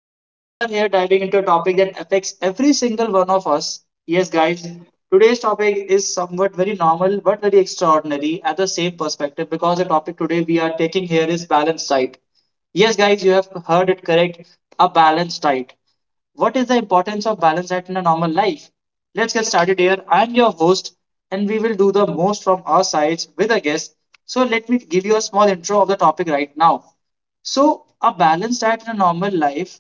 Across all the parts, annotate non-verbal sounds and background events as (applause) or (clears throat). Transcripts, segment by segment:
Now we are here diving into a topic that affects every single one of us. Yes, guys, today's topic is somewhat very normal but very extraordinary at the same perspective because the topic today we are taking here is balanced diet. Yes, guys, you have heard it correct. A balanced diet. What is the importance of balance diet in a normal life? Let's get started here. I'm your host, and we will do the most from our sides with a guest. Let me give you a small intro of the topic right now. A balanced diet in a normal life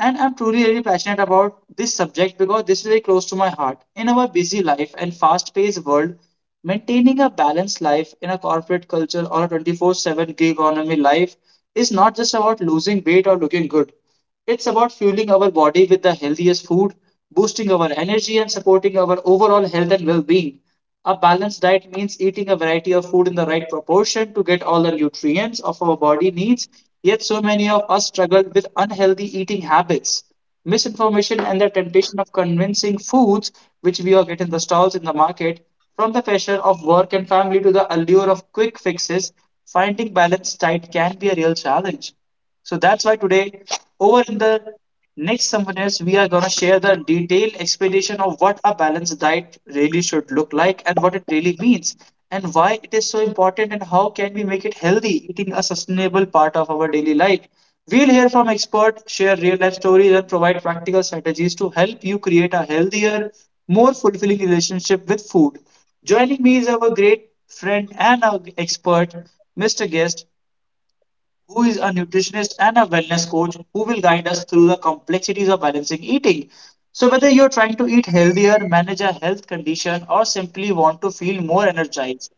and I'm truly really passionate about this subject because this is very close to my heart. In our busy life and fast paced world, maintaining a balanced life in a corporate culture or a 24/7 gig economy life is not just about losing weight or looking good. It's about fueling our body with the healthiest food, boosting our energy, and supporting our overall health and well being. A balanced diet means eating a variety of food in the right proportion to get all the nutrients of our body needs. Yet, so many of us struggle with unhealthy eating habits, misinformation, and the temptation of convincing foods which we all get in the stalls in the market. From the pressure of work and family to the allure of quick fixes, finding balanced diet can be a real challenge. So that's why today, over in the next Samvanas, we are going to share the detailed explanation of what a balanced diet really should look like and what it really means and why it is so important and how can we make it healthy, eating a sustainable part of our daily life. We'll hear from experts, share real life stories, and provide practical strategies to help you create a healthier, more fulfilling relationship with food. Joining me is our great friend and our expert, Mr. Guest, who is a nutritionist and a wellness coach who will guide us through the complexities of balancing eating. So, whether you're trying to eat healthier, manage a health condition, or simply want to feel more energized,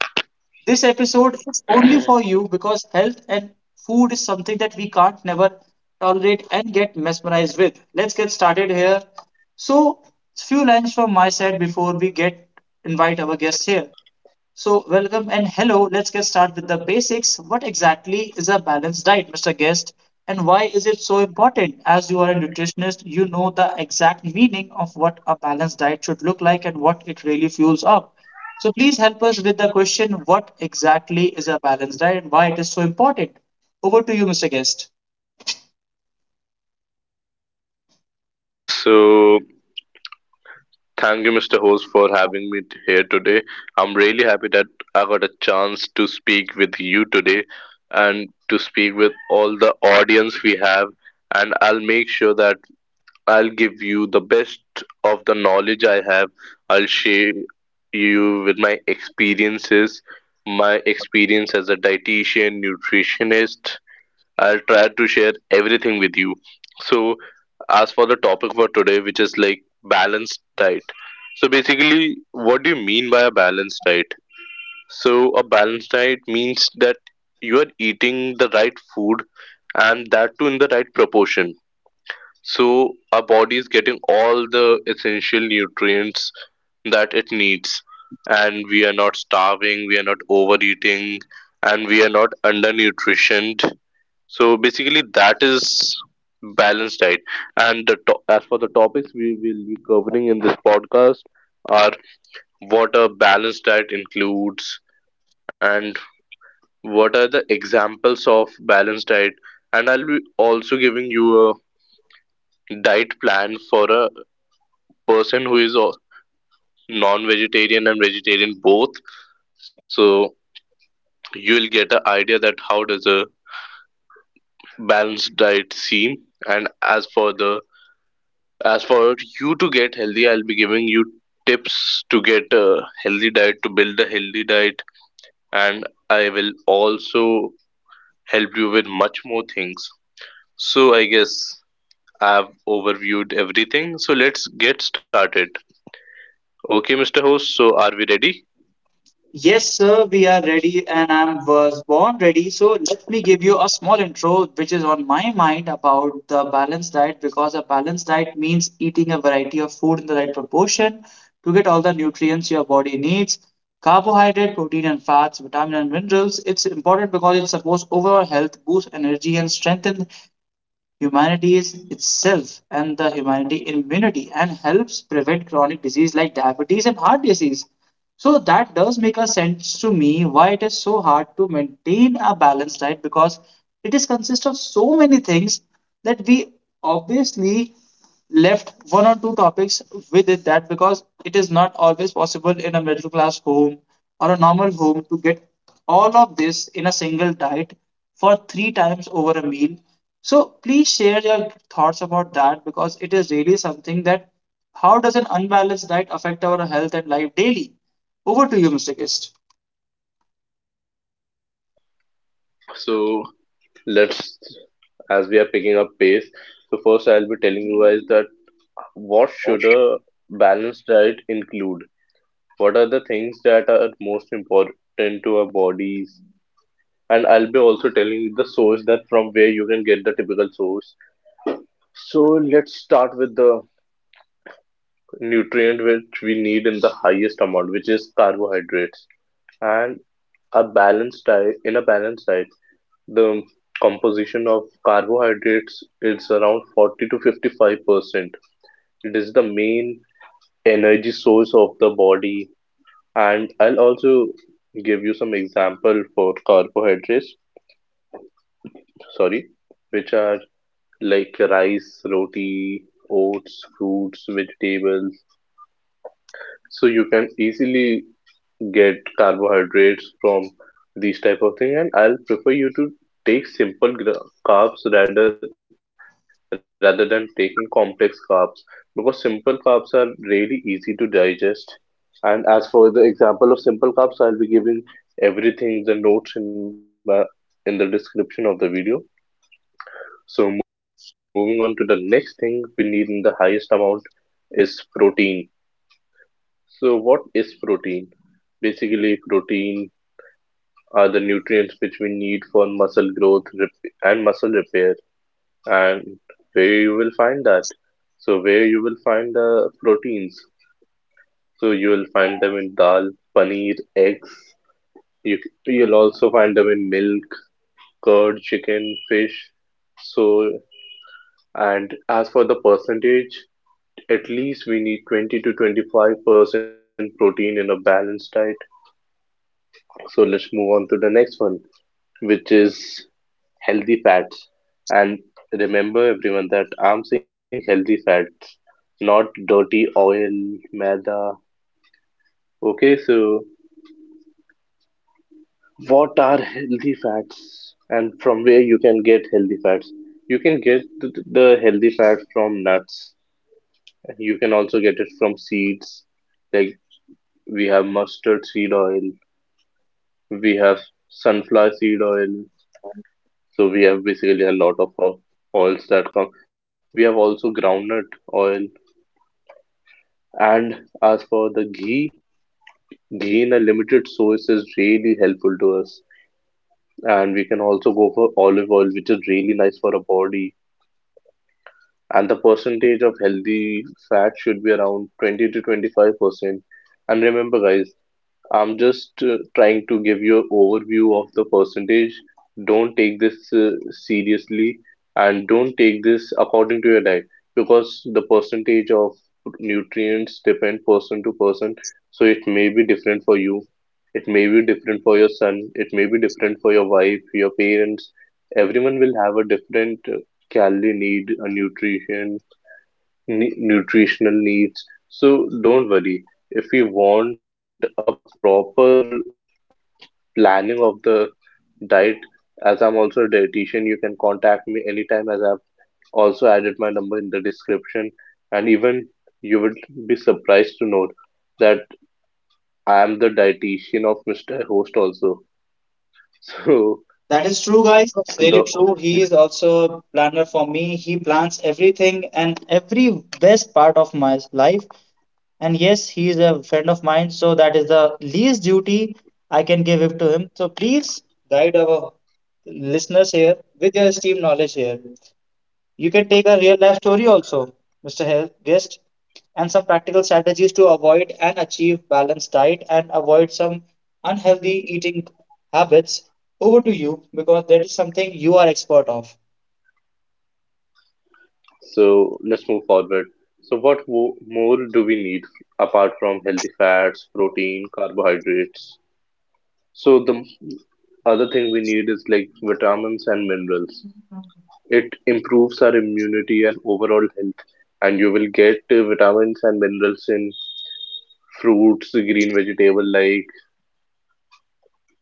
this episode is only for you because health and food is something that we can't never tolerate and get mesmerized with. Let's get started here. So, Few lines from my side before we get invite our guest here. So, welcome and hello. Let's get started with the basics. What exactly is a balanced diet, Mr. Guest, and why is it so important? As you are a nutritionist, you know the exact meaning of what a balanced diet should look like and what it really fuels up. So, please help us with the question what exactly is a balanced diet and why it is so important? Over to you, Mr. Guest. So, thank you, Mr. Host, for having here today. I'm really happy that I got a chance to speak with you today and to speak with all the audience we have. And I'll make sure that I'll give you the best of the knowledge I have. I'll share you with my experiences, my experience as a dietitian, nutritionist, I'll try to share everything with you. So, as for the topic for today, which is like balanced diet. So, basically, what do you mean by a balanced diet? So, a balanced diet means that you are eating the right food and that too in the right proportion. So, our body is getting all the essential nutrients that it needs, and we are not starving, we are not overeating, and we are not undernutritioned, so basically, that is balanced diet. And as for the topics we will be covering in this podcast are what a balanced diet includes and what are the examples of balanced diet. And I'll be also giving you a diet plan for a person who is a non-vegetarian and vegetarian both. So you'll get an idea that how does a balanced diet seem. And as for the As for you to get healthy, I'll be giving you tips to get a healthy diet, to build a healthy diet, and I will also help you with much more things. So I guess I've overviewed everything. So let's get started. Okay, Mr. Host, so are we ready? Yes, sir, we are ready, and I was born ready. So let me give you a small intro, which is on my mind about the balanced diet, because a balanced diet means eating a variety of food in the right proportion to get all the nutrients your body needs. Carbohydrate, protein, and fats, vitamin and minerals. It's important because it supports overall health, boosts energy, and strengthens humanity is itself and the humanity immunity and helps prevent chronic disease like diabetes and heart disease. So that does make a sense to me why it is so hard to maintain a balanced diet because it is consists of so many things that we obviously left one or two topics with it that because it is not always possible in a middle class home or a normal home to get all of this in a single diet for three times over a meal. So please share your thoughts about that because it is really something that how does an unbalanced diet affect our health and life daily? Over to you, Mr. Kist. So let's as we are picking up pace. So first, I'll be telling you guys that what should a balanced diet include? What are the things that are most important to our bodies, and I'll be also telling you the source that from where you can get the typical source. So let's start with the nutrient which we need in the highest amount, which is carbohydrates. And a balanced diet in a balanced diet, the composition of carbohydrates is around 40 to 55%. It is the main energy source of the body, and I'll also give you some example for carbohydrates. Sorry, which are like rice, roti, oats, fruits, vegetables. So you can easily get carbohydrates from these type of thing. And I'll prefer you to take carbs rather than taking complex carbs because simple carbs are really easy to digest. And as for the example of simple carbs, I'll be giving everything the notes in the description of the video. So moving on to the next thing we need in the highest amount is protein. So what is protein? Basically, protein are the nutrients which we need for muscle repair. And where you will find that? So where you will find the proteins? So you will find them in dal, paneer, eggs. You, you'll also find them in milk, curd, chicken, fish. So and as for the percentage, at least we need 20 to 25% protein in a balanced diet. So let's move on to the next one, which is healthy fats. And remember, everyone, that I'm saying healthy fats, not dirty oil, maida. Okay, so what are healthy fats and from where you can get healthy fats? You can get the healthy fats from nuts. You can also get it from seeds. Like we have mustard seed oil, we have sunflower seed oil. So we have basically a lot of oils that come. We have also groundnut oil. And as for the ghee, ghee in a limited source is really helpful to us. And we can also go for olive oil, which is really nice for our body. And the percentage of healthy fat should be around 20 to 25%. And remember, guys, I'm just trying to give you an overview of the percentage. Don't take this seriously, and don't take this according to your diet because the percentage of nutrients depend person to person. So it may be different for you. It may be different for your son. It may be different for your wife, your parents. Everyone will have a different calorie need, a nutritional needs. So don't worry, if you want a proper planning of the diet, as I'm also a dietitian, you can contact me anytime as I've also added my number in the description. And even you would be surprised to know that I am the dietitian of Mr. Host also. (laughs) That is true, guys. That's really So the true. He is also a planner for me. He plans everything and every best part of my life. And yes, he is a friend of mine, so that is the least duty I can give it to him. So please guide our listeners here with your esteemed knowledge here. You can take a real life story also, Mr. Guest, and some practical strategies to avoid and achieve balanced diet and avoid some unhealthy eating habits. Over to you because that is something you are expert of. so let's move forward. So what more do we need apart from healthy fats, protein, carbohydrates? So the other thing we need is like vitamins and minerals. It improves our immunity and overall health, and you will get vitamins and minerals in fruits, green vegetable.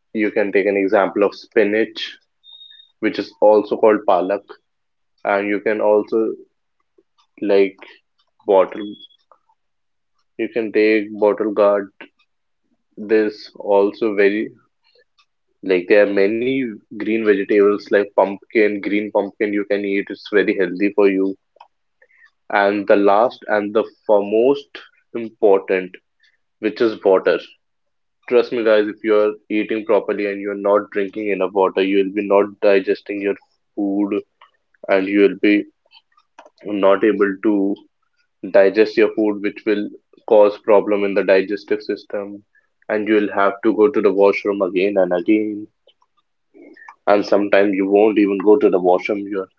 You can take an example of spinach, which is also called palak, and you can also like bottle, you can take bottle gourd. This also very like there are many green vegetables like pumpkin, green pumpkin you can eat. It's very healthy for you. And the last and the foremost important, which is water. Trust me, guys, if you're eating properly and you're not drinking enough water, you'll be not digesting your food and you'll be not able to digest your food, which will cause problem in the digestive system. And you'll have to go to the washroom again and again. And sometimes you won't even go to the washroom. Your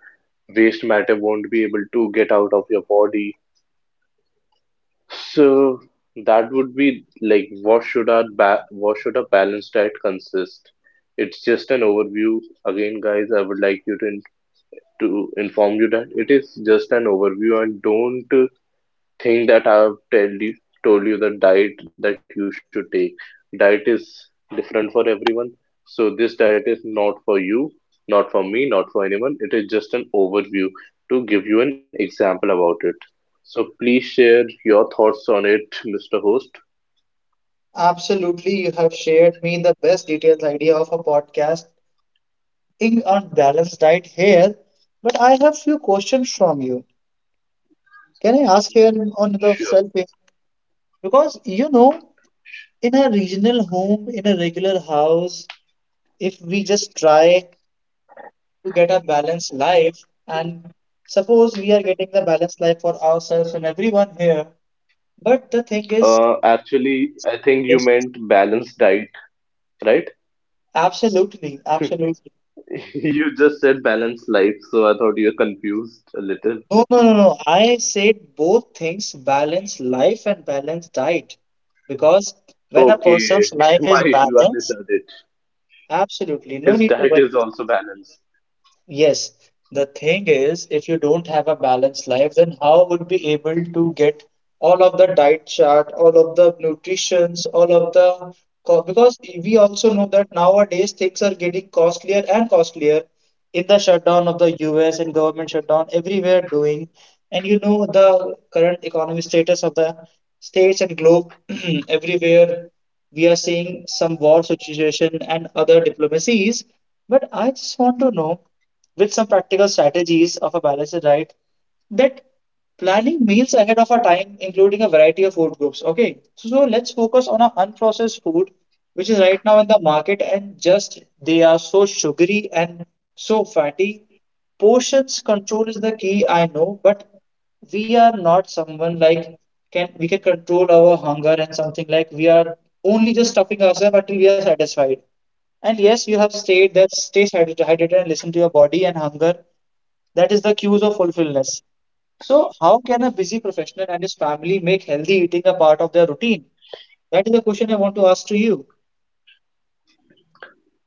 waste matter won't be able to get out of your body. So that would be like what should a balanced diet consist? It's just an overview. Again, guys, I would like you to inform you that it is just an overview, and don't thing that I've tell you told you the diet that you should take. Diet is different for everyone. So this diet is not for you, not for me, not for anyone. It is just an overview to give you an example about it. So please share your thoughts on it, Mr. Host. Absolutely, you have shared me the best detailed idea of a podcast eating a balanced diet here, but I have few questions from you. Can I ask here on the Sure. self? Because you know, in a regional home, in a regular house, if we just try to get a balanced life, and suppose we are getting the balanced life for ourselves and everyone here, but the thing is, Actually, I think you yes, meant balanced diet, right? (laughs) absolutely, absolutely. You just said balanced life, so I thought you were confused a little. No, no, no, no. I said both things, balance life and balance diet. Because when a Okay, person's life (laughs) my is issue, I balanced, misheard it. absolutely no His need to diet worry. is also balanced. Yes, the thing is, if you don't have a balanced life, then how would be able to get all of the diet chart, all of the nutritions, all of the co- because we also know that nowadays things are getting costlier and costlier in the shutdown of the US and government shutdown everywhere doing, and you know the current economic status of the states and globe (clears throat) everywhere we are seeing some war situation and other diplomacies. But I just want to know with some practical strategies of a balanced diet that planning meals ahead of our time including a variety of food groups, okay, so let's focus on our unprocessed food which is right now in the market and just they are so sugary and so fatty. Portions control is the key, I know, but we are not someone like can we can control our hunger and something like we are only just stuffing ourselves until we are satisfied. And yes, you have stated that stay hydrated and listen to your body and hunger. That is the cues of fulfillment. So, how can a busy professional and his family make healthy eating a part of their routine? That is the question I want to ask to you.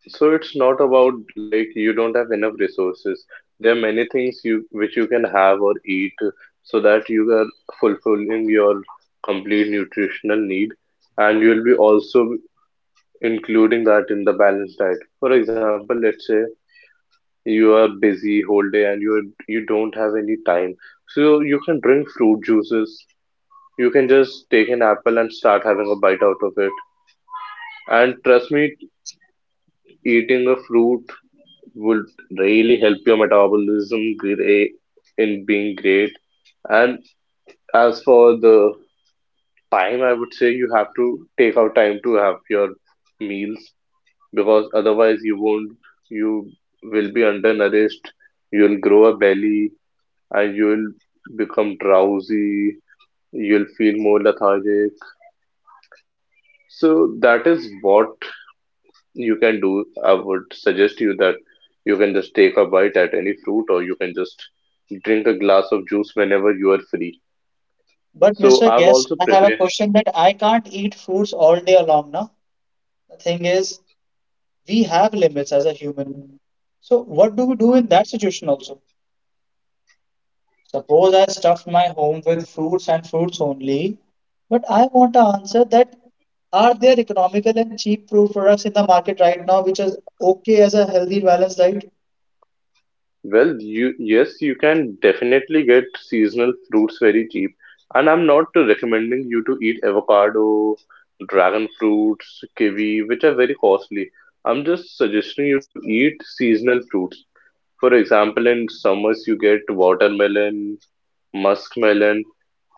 So it's not about like you don't have enough resources. There are many things you which you can have or eat so that you are fulfilling your complete nutritional need, and you will be also including that in the balanced diet. For example, let's say you are busy whole day and you don't have any time. So you can drink fruit juices. You can just take an apple and start having a bite out of it. And trust me, eating a fruit would really help your metabolism great in being great. And as for the time, I would say you have to take out time to have your meals because otherwise you won't, you will be undernourished, you'll grow a belly, and you'll become drowsy, you'll feel more lethargic. So that is what you can do. I would suggest you that you can just take a bite at any fruit or you can just drink a glass of juice whenever you are free. But, So Mr. I've Guest, also I have a prepared, question that I can't eat fruits all day long now. The thing is, we have limits as a human. So, what do we do in that situation also? Suppose I stuffed my home with fruits and fruits only, but I want to answer that are there economical and cheap fruit products in the market right now which is okay as a healthy balanced diet? well, you, yes, you can definitely get seasonal fruits very cheap, and I'm not recommending you to eat avocado, dragon fruits, kiwi, which are very costly. I'm just suggesting you to eat seasonal fruits. For example, in summers you get watermelon, muskmelon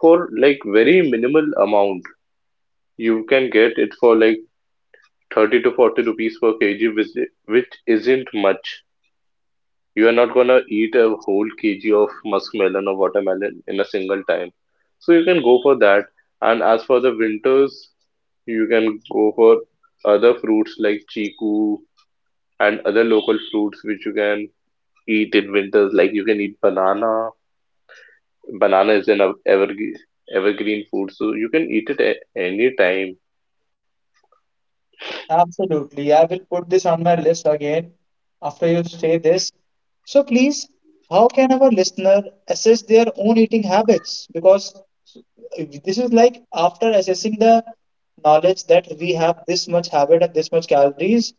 for like very minimal amount. You can get it for like 30 to 40 rupees per kg, which isn't much. You are not gonna eat a whole kg of muskmelon or watermelon in a single time. So you can go for that. And as for the winters, you can go for other fruits like chiku and other local fruits which you can eat in winters. Like you can eat banana is an ever evergreen food, so you can eat it any time. Absolutely. I will put this on my list again after you say this. So please, how can our listener assess their own eating habits? Because this is like after assessing the knowledge that we have this much habit and this much calories,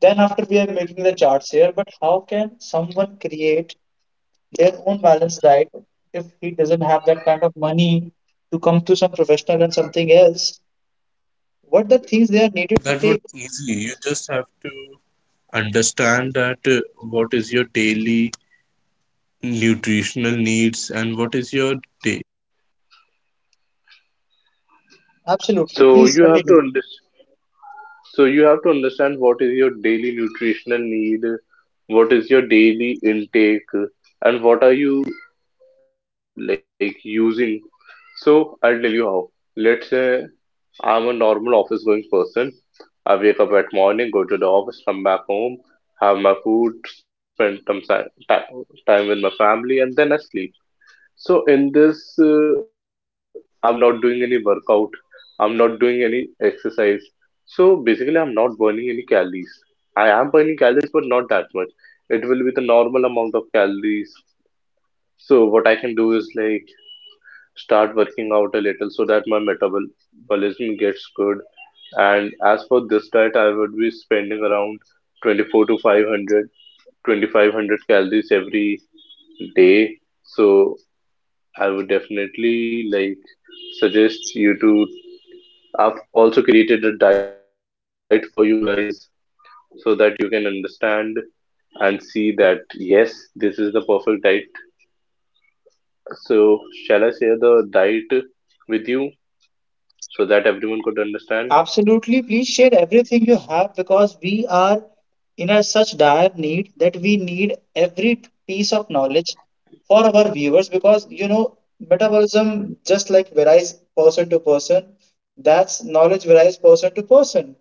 then after we are making the charts here, but how can someone create their own balanced diet if he doesn't have that kind of money to come to some professional and something else? What the things they are needed to take. Absolutely. Please continue. So you have to understand. So you have to understand what is your daily nutritional need, what is your daily intake, and what are you like using. So I'll tell you how. Let's say I'm a normal office going person. I wake up at morning, go to the office, come back home, have my food, spend some time with my family, and then I sleep. So in this, I'm not doing any workout. I'm not doing any exercise. So basically, I'm not burning any calories. I am burning calories, but not that much. It will be the normal amount of calories. So what I can do is like start working out a little so that my metabolism gets good. And as for this diet, I would be spending around 24 to five hundred, 2,500 calories every day. So I would definitely like suggest you to. I've also created a diet for you guys so that you can understand and see that yes, this is the perfect diet. So, Shall I share the diet with you so that everyone could understand? Absolutely. Please share everything you have because we are in a such dire need that we need every piece of knowledge for our viewers because you know metabolism just like varies person to person. That's knowledge varies person to person.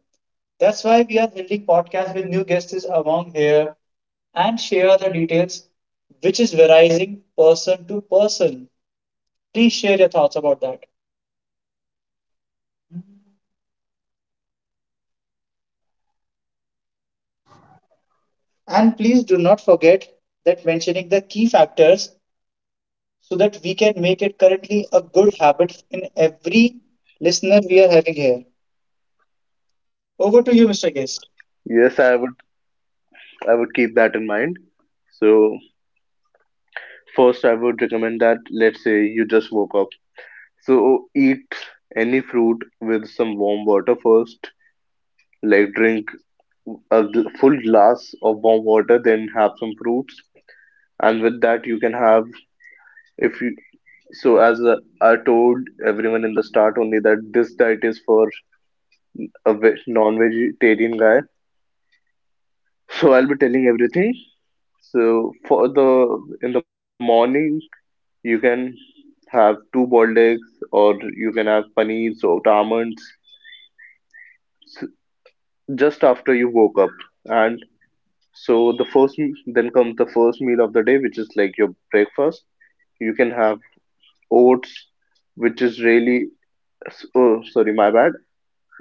That's why we are building podcast with new guests among here and share the details which is varying person to person. Please share your thoughts about that. And please do not forget that mentioning the key factors so that we can make it currently a good habit in every listener we are having here. Over to you, Mr. Guest. Yes, I would. I would keep that in mind. So, first, I would recommend that let's say you just woke up. So, eat any fruit with some warm water first. Like drink full glass of warm water, then have some fruits, and with that you can have if you so as I told everyone in the start only that this diet is for a non-vegetarian guy, so I'll be telling everything. So for the in the morning you can have two boiled eggs, or you can have paneer or almonds, s- just after you woke up. And so then comes the first meal the day, which is like your breakfast. You can have oats, which is really, oh, sorry, my bad.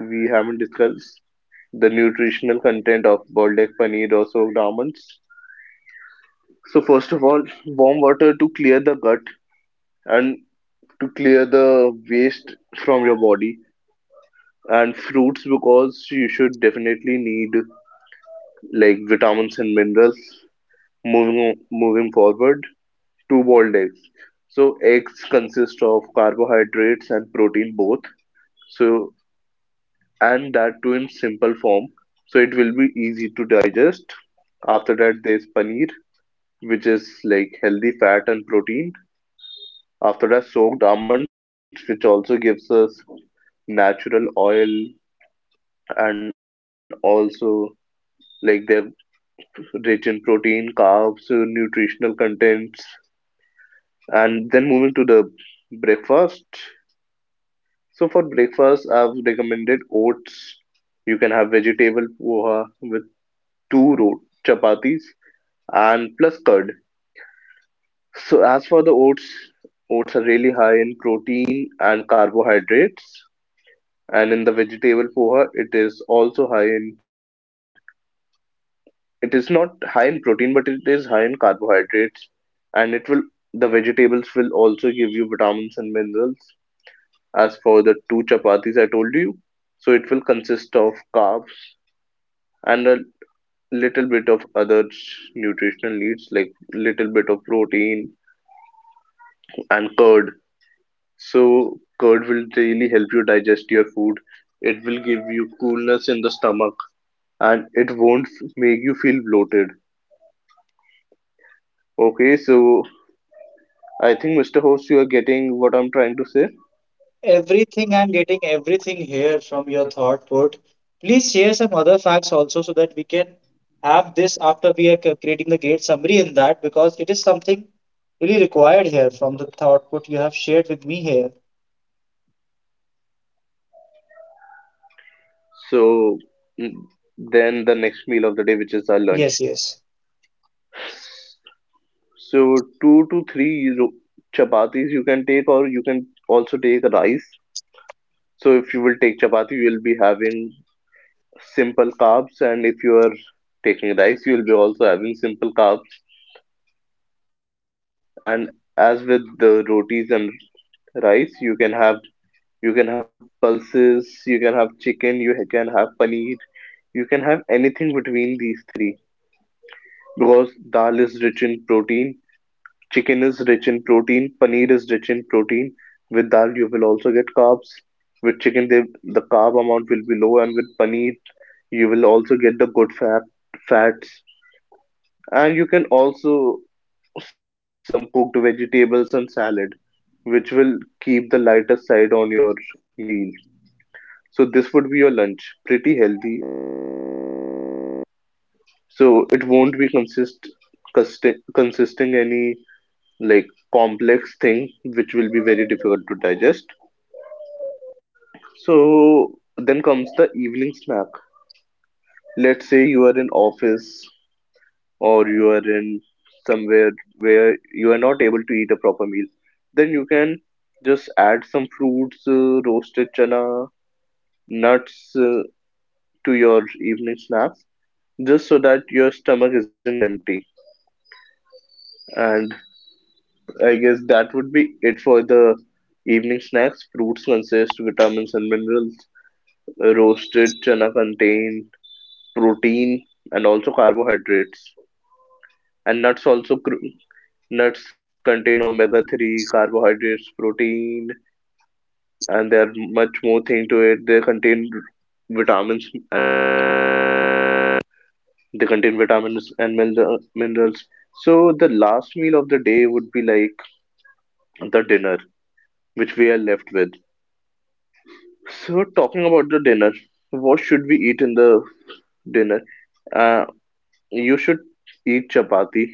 We haven't discussed the nutritional content of boiled egg, paneer, or soaked almonds. So first of all, warm water to clear the gut and to clear the waste from your body. And fruits because you should definitely need like vitamins and minerals. Moving forward to boiled eggs. So eggs consist of carbohydrates and protein both. So, and that too in simple form, so it will be easy to digest. After that there's paneer, which is like healthy fat and protein. After that soaked almonds, which also gives us natural oil, and also like they're rich in protein, carbs, nutritional contents. And then moving to the breakfast, so for breakfast recommended oats. You can have vegetable poha with two chapatis and plus curd. So as for the oats, oats are really high in protein and carbohydrates, and in the vegetable poha, it is also high in. It is not high in protein, but it is high in carbohydrates, and it will the vegetables will also give you vitamins and minerals. As for the two chapatis I told you, so it will of carbs and a little bit of other nutritional needs like little bit of protein. And curd, so curd will really help you digest food. It will give you coolness in the stomach, and it won't make you feel bloated. Okay, so I think Mr. Host, you are getting what I'm trying to say. Everything I'm getting, everything here from your thought put. Please share some other facts also so that we can have this after we are creating the great summary in that because it is something really required here from the thought put you have shared with me here. So mm, then the next meal of the day, which is our Yes, lunch. yes. So two to three ro- chapatis you can take, or you can also take rice. So if you will take chapati, you will be having simple carbs, and if you are taking rice, you will be also having simple carbs. And as with the rotis and rice, you can have you can have pulses, you can have chicken, you can have paneer, you can have anything between these three because dal is rich in protein, chicken is rich in protein, paneer is rich in protein. With dal, you will also get carbs. With chicken, they, carb amount will be low, and with paneer, you will also get the good fat fats. And you can also some cooked vegetables and salad, which will keep the lighter side on your meal. So this would be your lunch, pretty healthy. So it won't consisting any like complex thing which will be very difficult to digest. So then comes the evening snack. Let's say you are in office or you are in somewhere where you are not able to eat a proper meal. Then you can just add some fruits, roasted chana, nuts, to your evening snacks, just so that your stomach isn't empty. And I guess that would be it for the evening snacks. Fruits consist vitamins and minerals. Roasted chana contain protein and also carbohydrates. And nuts contain omega three, carbohydrates, protein, and there much more thing to it. They contain vitamins and They minerals. So the last meal of the day would be like the dinner, which we are left with. So talking about the dinner, what should we eat in the dinner? Uh, you should eat chapati,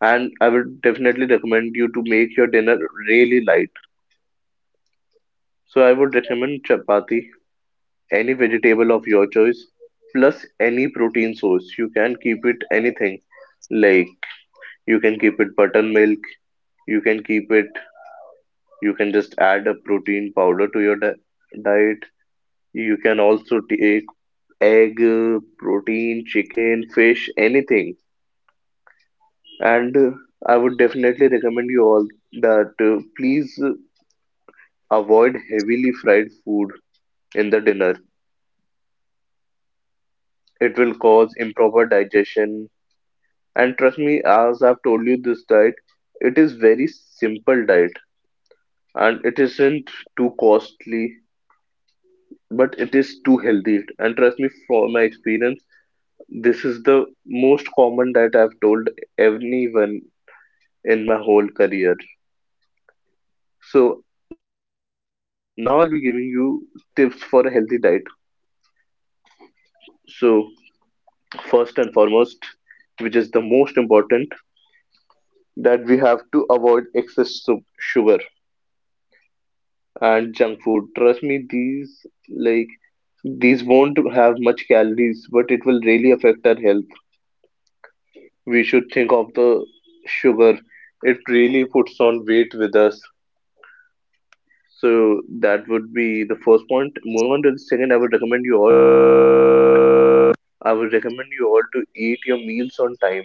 and I would definitely recommend you to make your dinner really light. So I would recommend chapati, any vegetable of your choice, plus any protein source. You can keep it anything like you can keep it buttermilk, you can keep it. You can just add a protein powder to your di diet. You can also take egg, protein, chicken, fish, anything. And I would definitely recommend you all that please avoid heavily fried food in the dinner. It will cause improper digestion. And trust me, as I've told you, this diet, it is very simple diet and it isn't too costly, but it is too healthy. And trust me, from my experience, this is the most common that I've told anyone in my whole career. So now I'll be giving you tips for a healthy diet. So first and foremost, which is the most important, that we have to avoid sugar and junk food. Trust me, these like these won't have much calories, but it will really affect our health. We should think of the sugar. It really puts on weight with us. So that would be the first point. Moving on to second, I would recommend you all. I would recommend you all to eat your meals on time.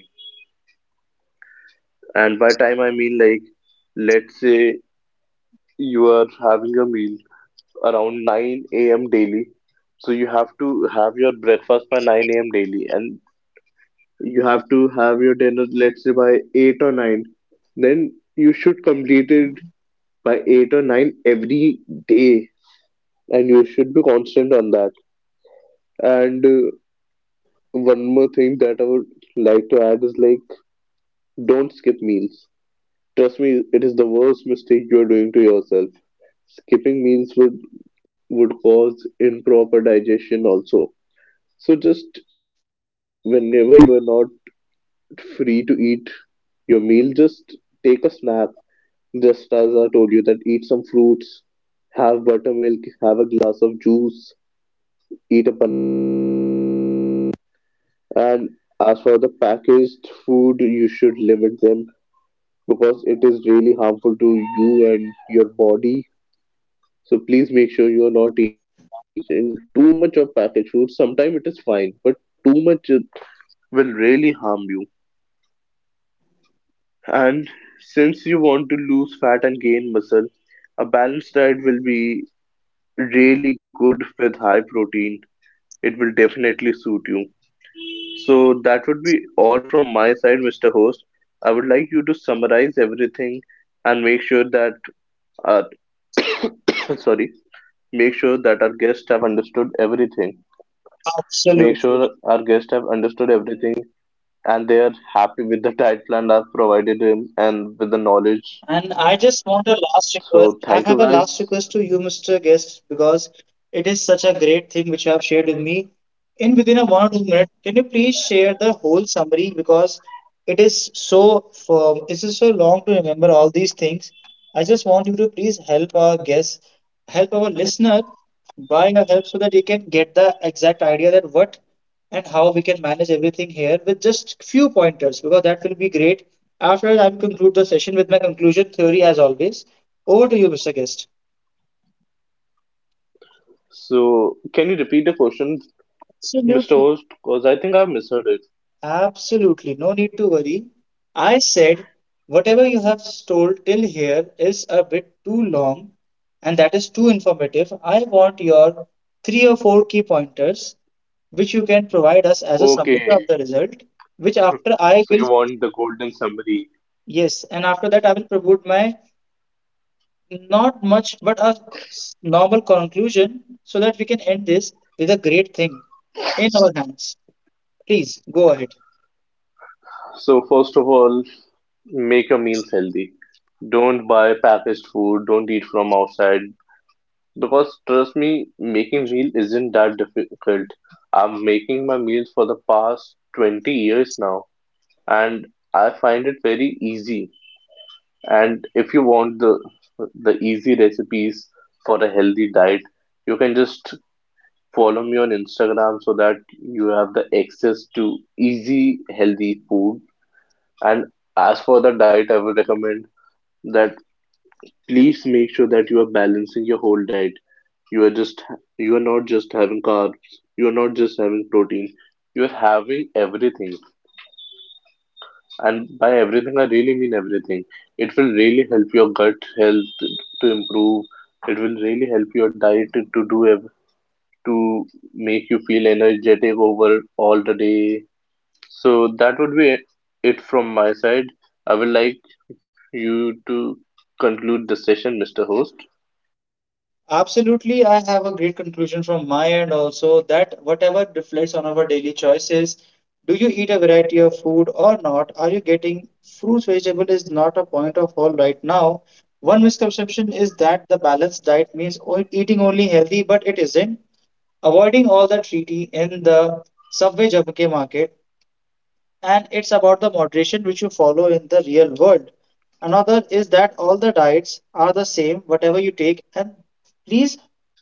And by time, I mean like, let's say you are having a meal around 9 a.m. daily. So you have to have your breakfast by 9 a.m. daily, and you have to have your dinner, let's say, by 8 or 9. Then you should complete it by 8 or 9 every day, and you should be constant on that. And one more thing that I would like to add is like, don't skip meals. Trust me, it is the worst mistake you are doing to yourself. Skipping meals would cause improper digestion also. So just whenever you are not free to eat your meal, just take a snack. Just as I told you, that eat some fruits, have buttermilk, have a glass of juice, eat a banana. And as for the packaged food, you should limit them because it is really harmful to you and your body. So please make sure you are not eating too much of packaged food. Sometimes it is fine, but too much will really harm you. And since you want to lose fat and gain muscle, a balanced diet will be really good with high protein. It will definitely suit you. So that would be all from my side, Mr. Host. I would like you to summarize everything and make sure that uh, (coughs) sorry. Make sure that our guests have understood everything. Make Absolutely. guests have understood everything, and they are happy with the diet plan I've provided him and with the knowledge. And I just want a last request. So I thank have you a last guys. request to you, Mr. Guest, because it is such a great thing which you have shared with me. In within a one or two minutes, can you please share the whole summary because it is so firm, it is so long to remember all these things. I just want you to please help our guest, help our listener by your help so that he can get the exact idea that what and how we can manage everything here with just few pointers because that will be great after that, I will conclude the session with my conclusion theory as always. Over to you, Mr. Guest. So can you repeat the question, Mr. Absolutely. Host? Because I think I misheard it. Absolutely. No need to worry. I said whatever you have told till here is a bit too long and that is too informative. I want your three or four key pointers which you can provide us as a summary of the result, which after So you I will, want the golden summary. yes, and after that I will promote my. Not much, but a normal conclusion so that we can end this with a great thing in our hands. Please go ahead. So first of all, make your meals healthy. Don't buy packaged food. Don't eat from outside. Because trust me, making meal isn't that difficult. I'm making my meals for the past 20 years now, and I find it very easy. And if you want the easy recipes for a healthy diet, you can just follow me on Instagram so that you have the access to easy, healthy food. And as for the diet, I would recommend that please make sure that you are balancing your whole diet. You are just you are not just having carbs, you are not just having protein, you are having everything. And by everything I really mean everything. It will really help your gut health to improve. It will really help your diet do ev- to make you feel energetic over all the day. So that would be it from my side. I would like you to conclude the session, Mr. Host. Absolutely, I have a great conclusion from my end also that whatever reflects on our daily choices, do you eat a variety of food or not? Are you getting fruits, vegetable is not a point of all right now. One misconception is that the balanced diet means eating only healthy, but it isn't. Avoiding all the treaty in the subway jabke market and it's about the moderation which you follow in the real world. Another is that all the diets are the same, whatever you take, and please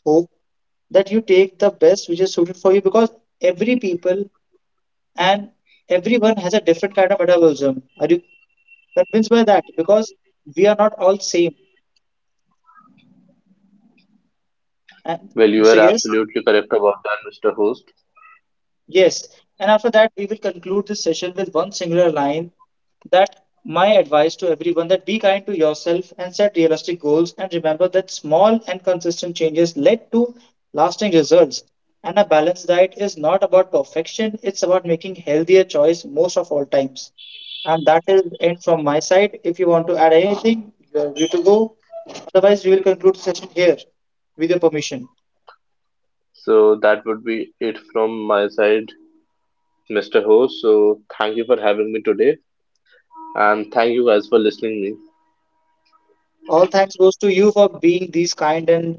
hope that you take the best which is suited for you because every people and everyone has a different kind of metabolism. Are you convinced by that? Because we are not all same. And Well, you Mr. are Gales, absolutely correct about that, Mr. Host. yes, and after that, we will conclude this session with one singular line that my advice to everyone that be kind to yourself and set realistic goals and remember that small and consistent changes lead to lasting results. And a balanced diet is not about perfection, it's about making healthier choice most of all times. And that is end from my side. If you want to add anything, you are free to go. Otherwise, we will conclude the session here with your permission. So that would be it from my side, Mr. Ho. So thank you for having me today, and thank you guys for listening me. All thanks goes to you for being these kind and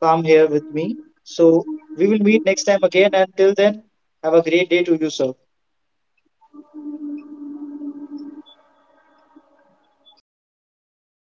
come here with me. So we will meet next time again. Until then, have a great day to you, sir.